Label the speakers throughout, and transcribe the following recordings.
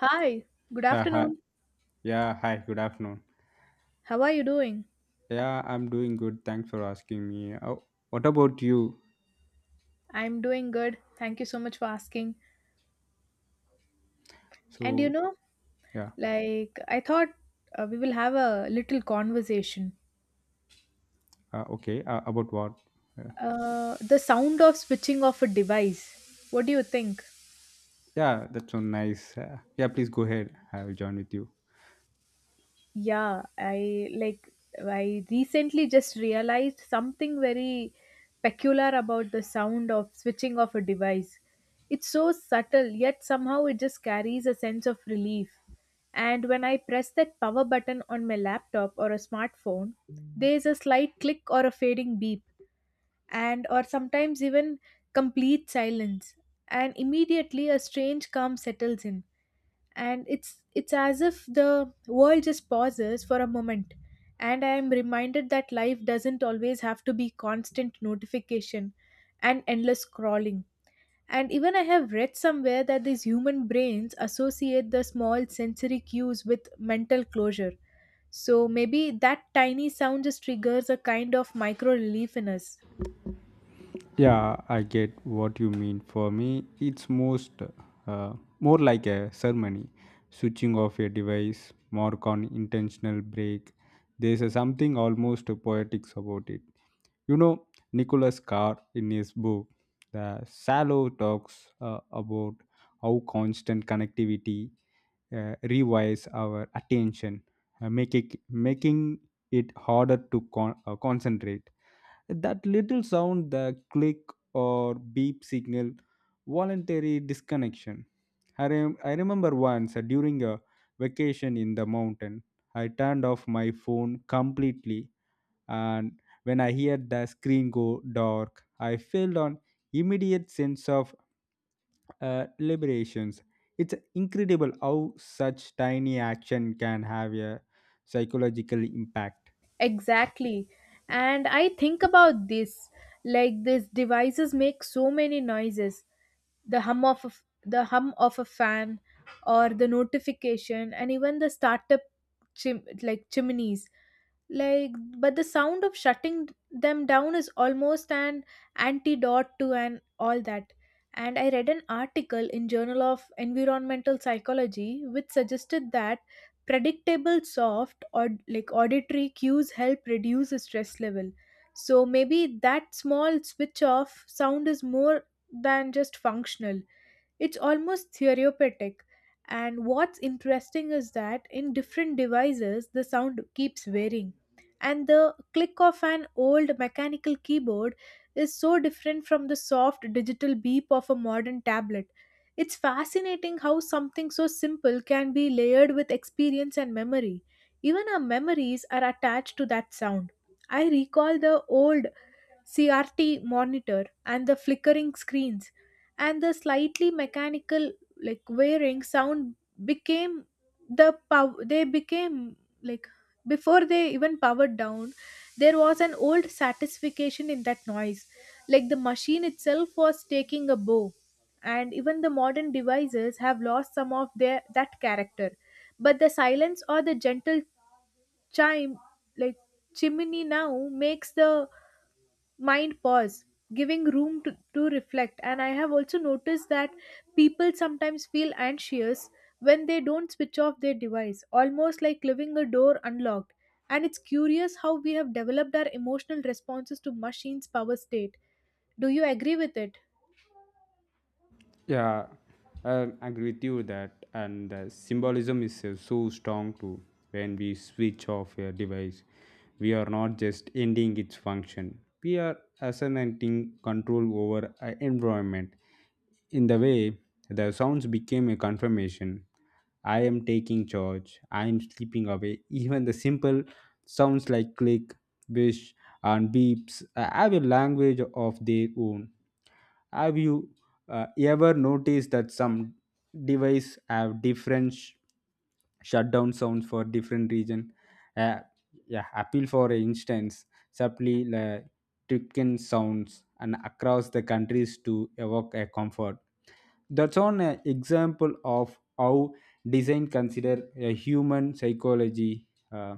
Speaker 1: Hi, good
Speaker 2: Yeah, hi.
Speaker 1: afternoon.
Speaker 2: Yeah, hi. Good afternoon.
Speaker 1: How are you doing?
Speaker 2: Yeah, I'm doing good. Thanks for asking me. Oh, what about you?
Speaker 1: I'm doing good. Thank you so much for asking. And you
Speaker 2: So,
Speaker 1: know,
Speaker 2: yeah.
Speaker 1: like, I thought we will have a little conversation.
Speaker 2: Okay. About what? Uh,
Speaker 1: The sound of switching off a device. What do you think?
Speaker 2: yeah, that's so nice. Yeah, please go ahead. I will join with you.
Speaker 1: Yeah, I recently just realized something very peculiar about the sound of switching off a device. It's so subtle, yet somehow it just carries a sense of relief. And when I press that power button on my laptop or a smartphone, there's a slight click or a fading beep, and or sometimes even complete silence. And immediately a strange calm settles in, and it's as if the world just pauses for a moment, and I am reminded that life doesn't always have to be constant notification and endless scrolling. And even I have read somewhere that these human brains associate the small sensory cues with mental closure, so maybe that tiny sound just triggers a kind of micro relief in us.
Speaker 2: Yeah, I get what you mean. For me, it's most uh, more like a ceremony, switching off a device, more on intentional break. There's a something almost poetics about it. You know, Nicholas Carr in his book, The Shallow, talks about how constant connectivity rewires our attention, make it, making it harder to concentrate. That little sound, the click or beep signal, voluntary disconnection. I remember once during a vacation in the mountain, I turned off my phone completely, and when I heard the screen go dark, I felt an immediate sense of liberations. It's incredible how such tiny action can have a psychological impact.
Speaker 1: Exactly. And I think about this, like, these devices make so many noises, the hum of a fan or the notification, and even the startup like chimneys, like, but the sound of shutting them down is almost an antidote to and all that. And I read an article in Journal of Environmental Psychology which suggested that predictable soft or like auditory cues help reduce the stress level, so maybe that small switch off sound is more than just functional. It's almost therapeutic. And what's interesting is that in different devices the sound keeps varying, and the click of an old mechanical keyboard is so different from the soft digital beep of a modern tablet. It's fascinating how something so simple can be layered with experience and memory. Even our memories are attached to that sound. I recall the old CRT monitor and the flickering screens, and the slightly mechanical, like, wearing sound became they became, like, before they even powered down, there was an old satisfaction in that noise, like the machine itself was taking a bow. And even the modern devices have lost some of their that character, but the silence or the gentle chime, like, chimney now makes the mind pause, giving room to reflect. And I have also noticed that people sometimes feel anxious when they don't switch off their device, almost like leaving a door unlocked. And it's curious how we have developed our emotional responses to machines power state. Do you agree with it?
Speaker 2: Yeah, I agree with you that, and the symbolism is so strong too. When we switch off a device, we are not just ending its function; we are assigning control over our environment. In the way, the sounds became a confirmation. I am taking charge. I am sleeping away. Even the simple sounds like click, wish, and beeps have a language of their own. Have you ever notice that some device have different shutdown sounds for different region? Uh, yeah, appeal for instance, subtly tricken sounds and across the countries to evoke a comfort. That's on an example of how design consider a human psychology, Uh,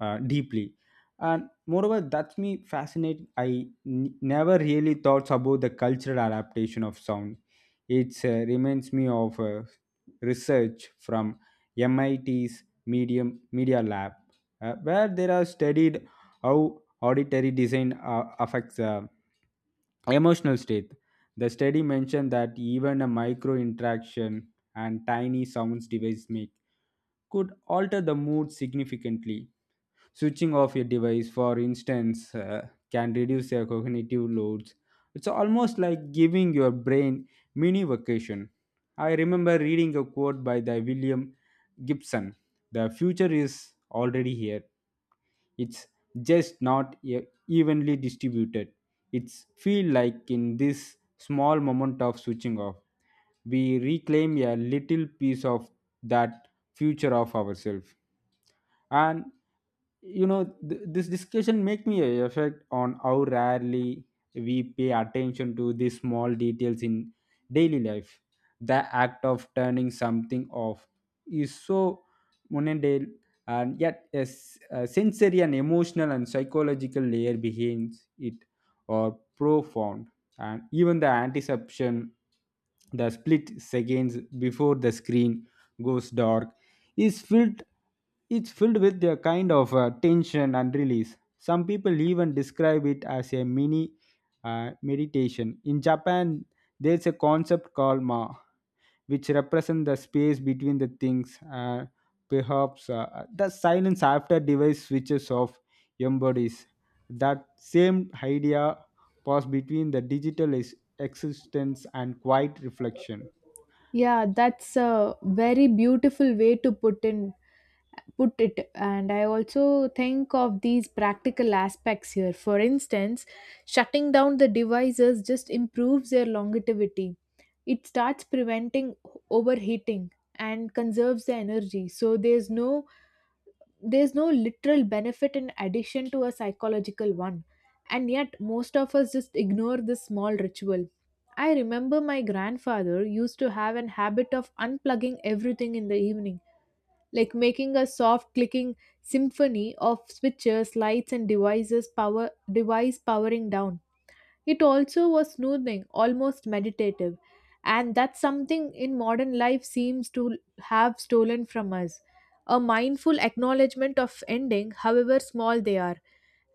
Speaker 2: deeply. And moreover, that's me fascinating. I never really thought about the cultural adaptation of sound. It reminds me of research from MIT's medium media lab, where they are studied how auditory design affects emotional state. The study mentioned that even a micro interaction and tiny sounds device make could alter the mood significantly. Switching off a device, for instance, can reduce your cognitive loads. It's almost like giving your brain mini vacation. I remember reading a quote by the William Gibson. The future is already here. It's just not evenly distributed. It's feel like in this small moment of switching off, we reclaim a little piece of that future of ourselves. And you know this discussion make me a effect on how rarely we pay attention to these small details in daily life. The act of turning something off is so mundane, and yet a sensory and emotional and psychological layer behind it are profound. And even the anticipation, the split seconds before the screen goes dark, is filled, it's filled with a kind of tension and release. Some people even describe it as a mini meditation. In Japan, there's a concept called ma, which represent the space between the things. Perhaps the silence after device switches off embodies that same idea. Pause between the digital existence and quiet reflection.
Speaker 1: Yeah, that's a very beautiful way to put it. And I also think of these practical aspects here, for instance, shutting down the devices just improves their longevity. It starts preventing overheating and conserves the energy, so there's no literal benefit in addition to a psychological one, and yet most of us just ignore this small ritual. I remember my grandfather used to have an habit of unplugging everything in the evening, like making a soft clicking symphony of switches, lights, and device powering down. It also was soothing, almost meditative, and that's something in modern life seems to have stolen from us. A mindful acknowledgement of ending, however small they are.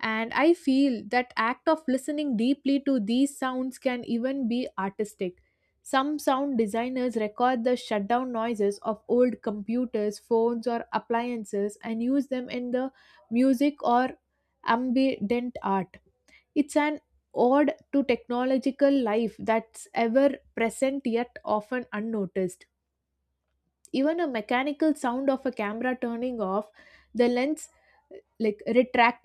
Speaker 1: And I feel that act of listening deeply to these sounds can even be artistic. Some sound designers record the shutdown noises of old computers, phones, or appliances and use them in the music or ambient art. It's an ode to technological life that's ever present yet often unnoticed. Even a mechanical sound of a camera turning off the lens, like retracting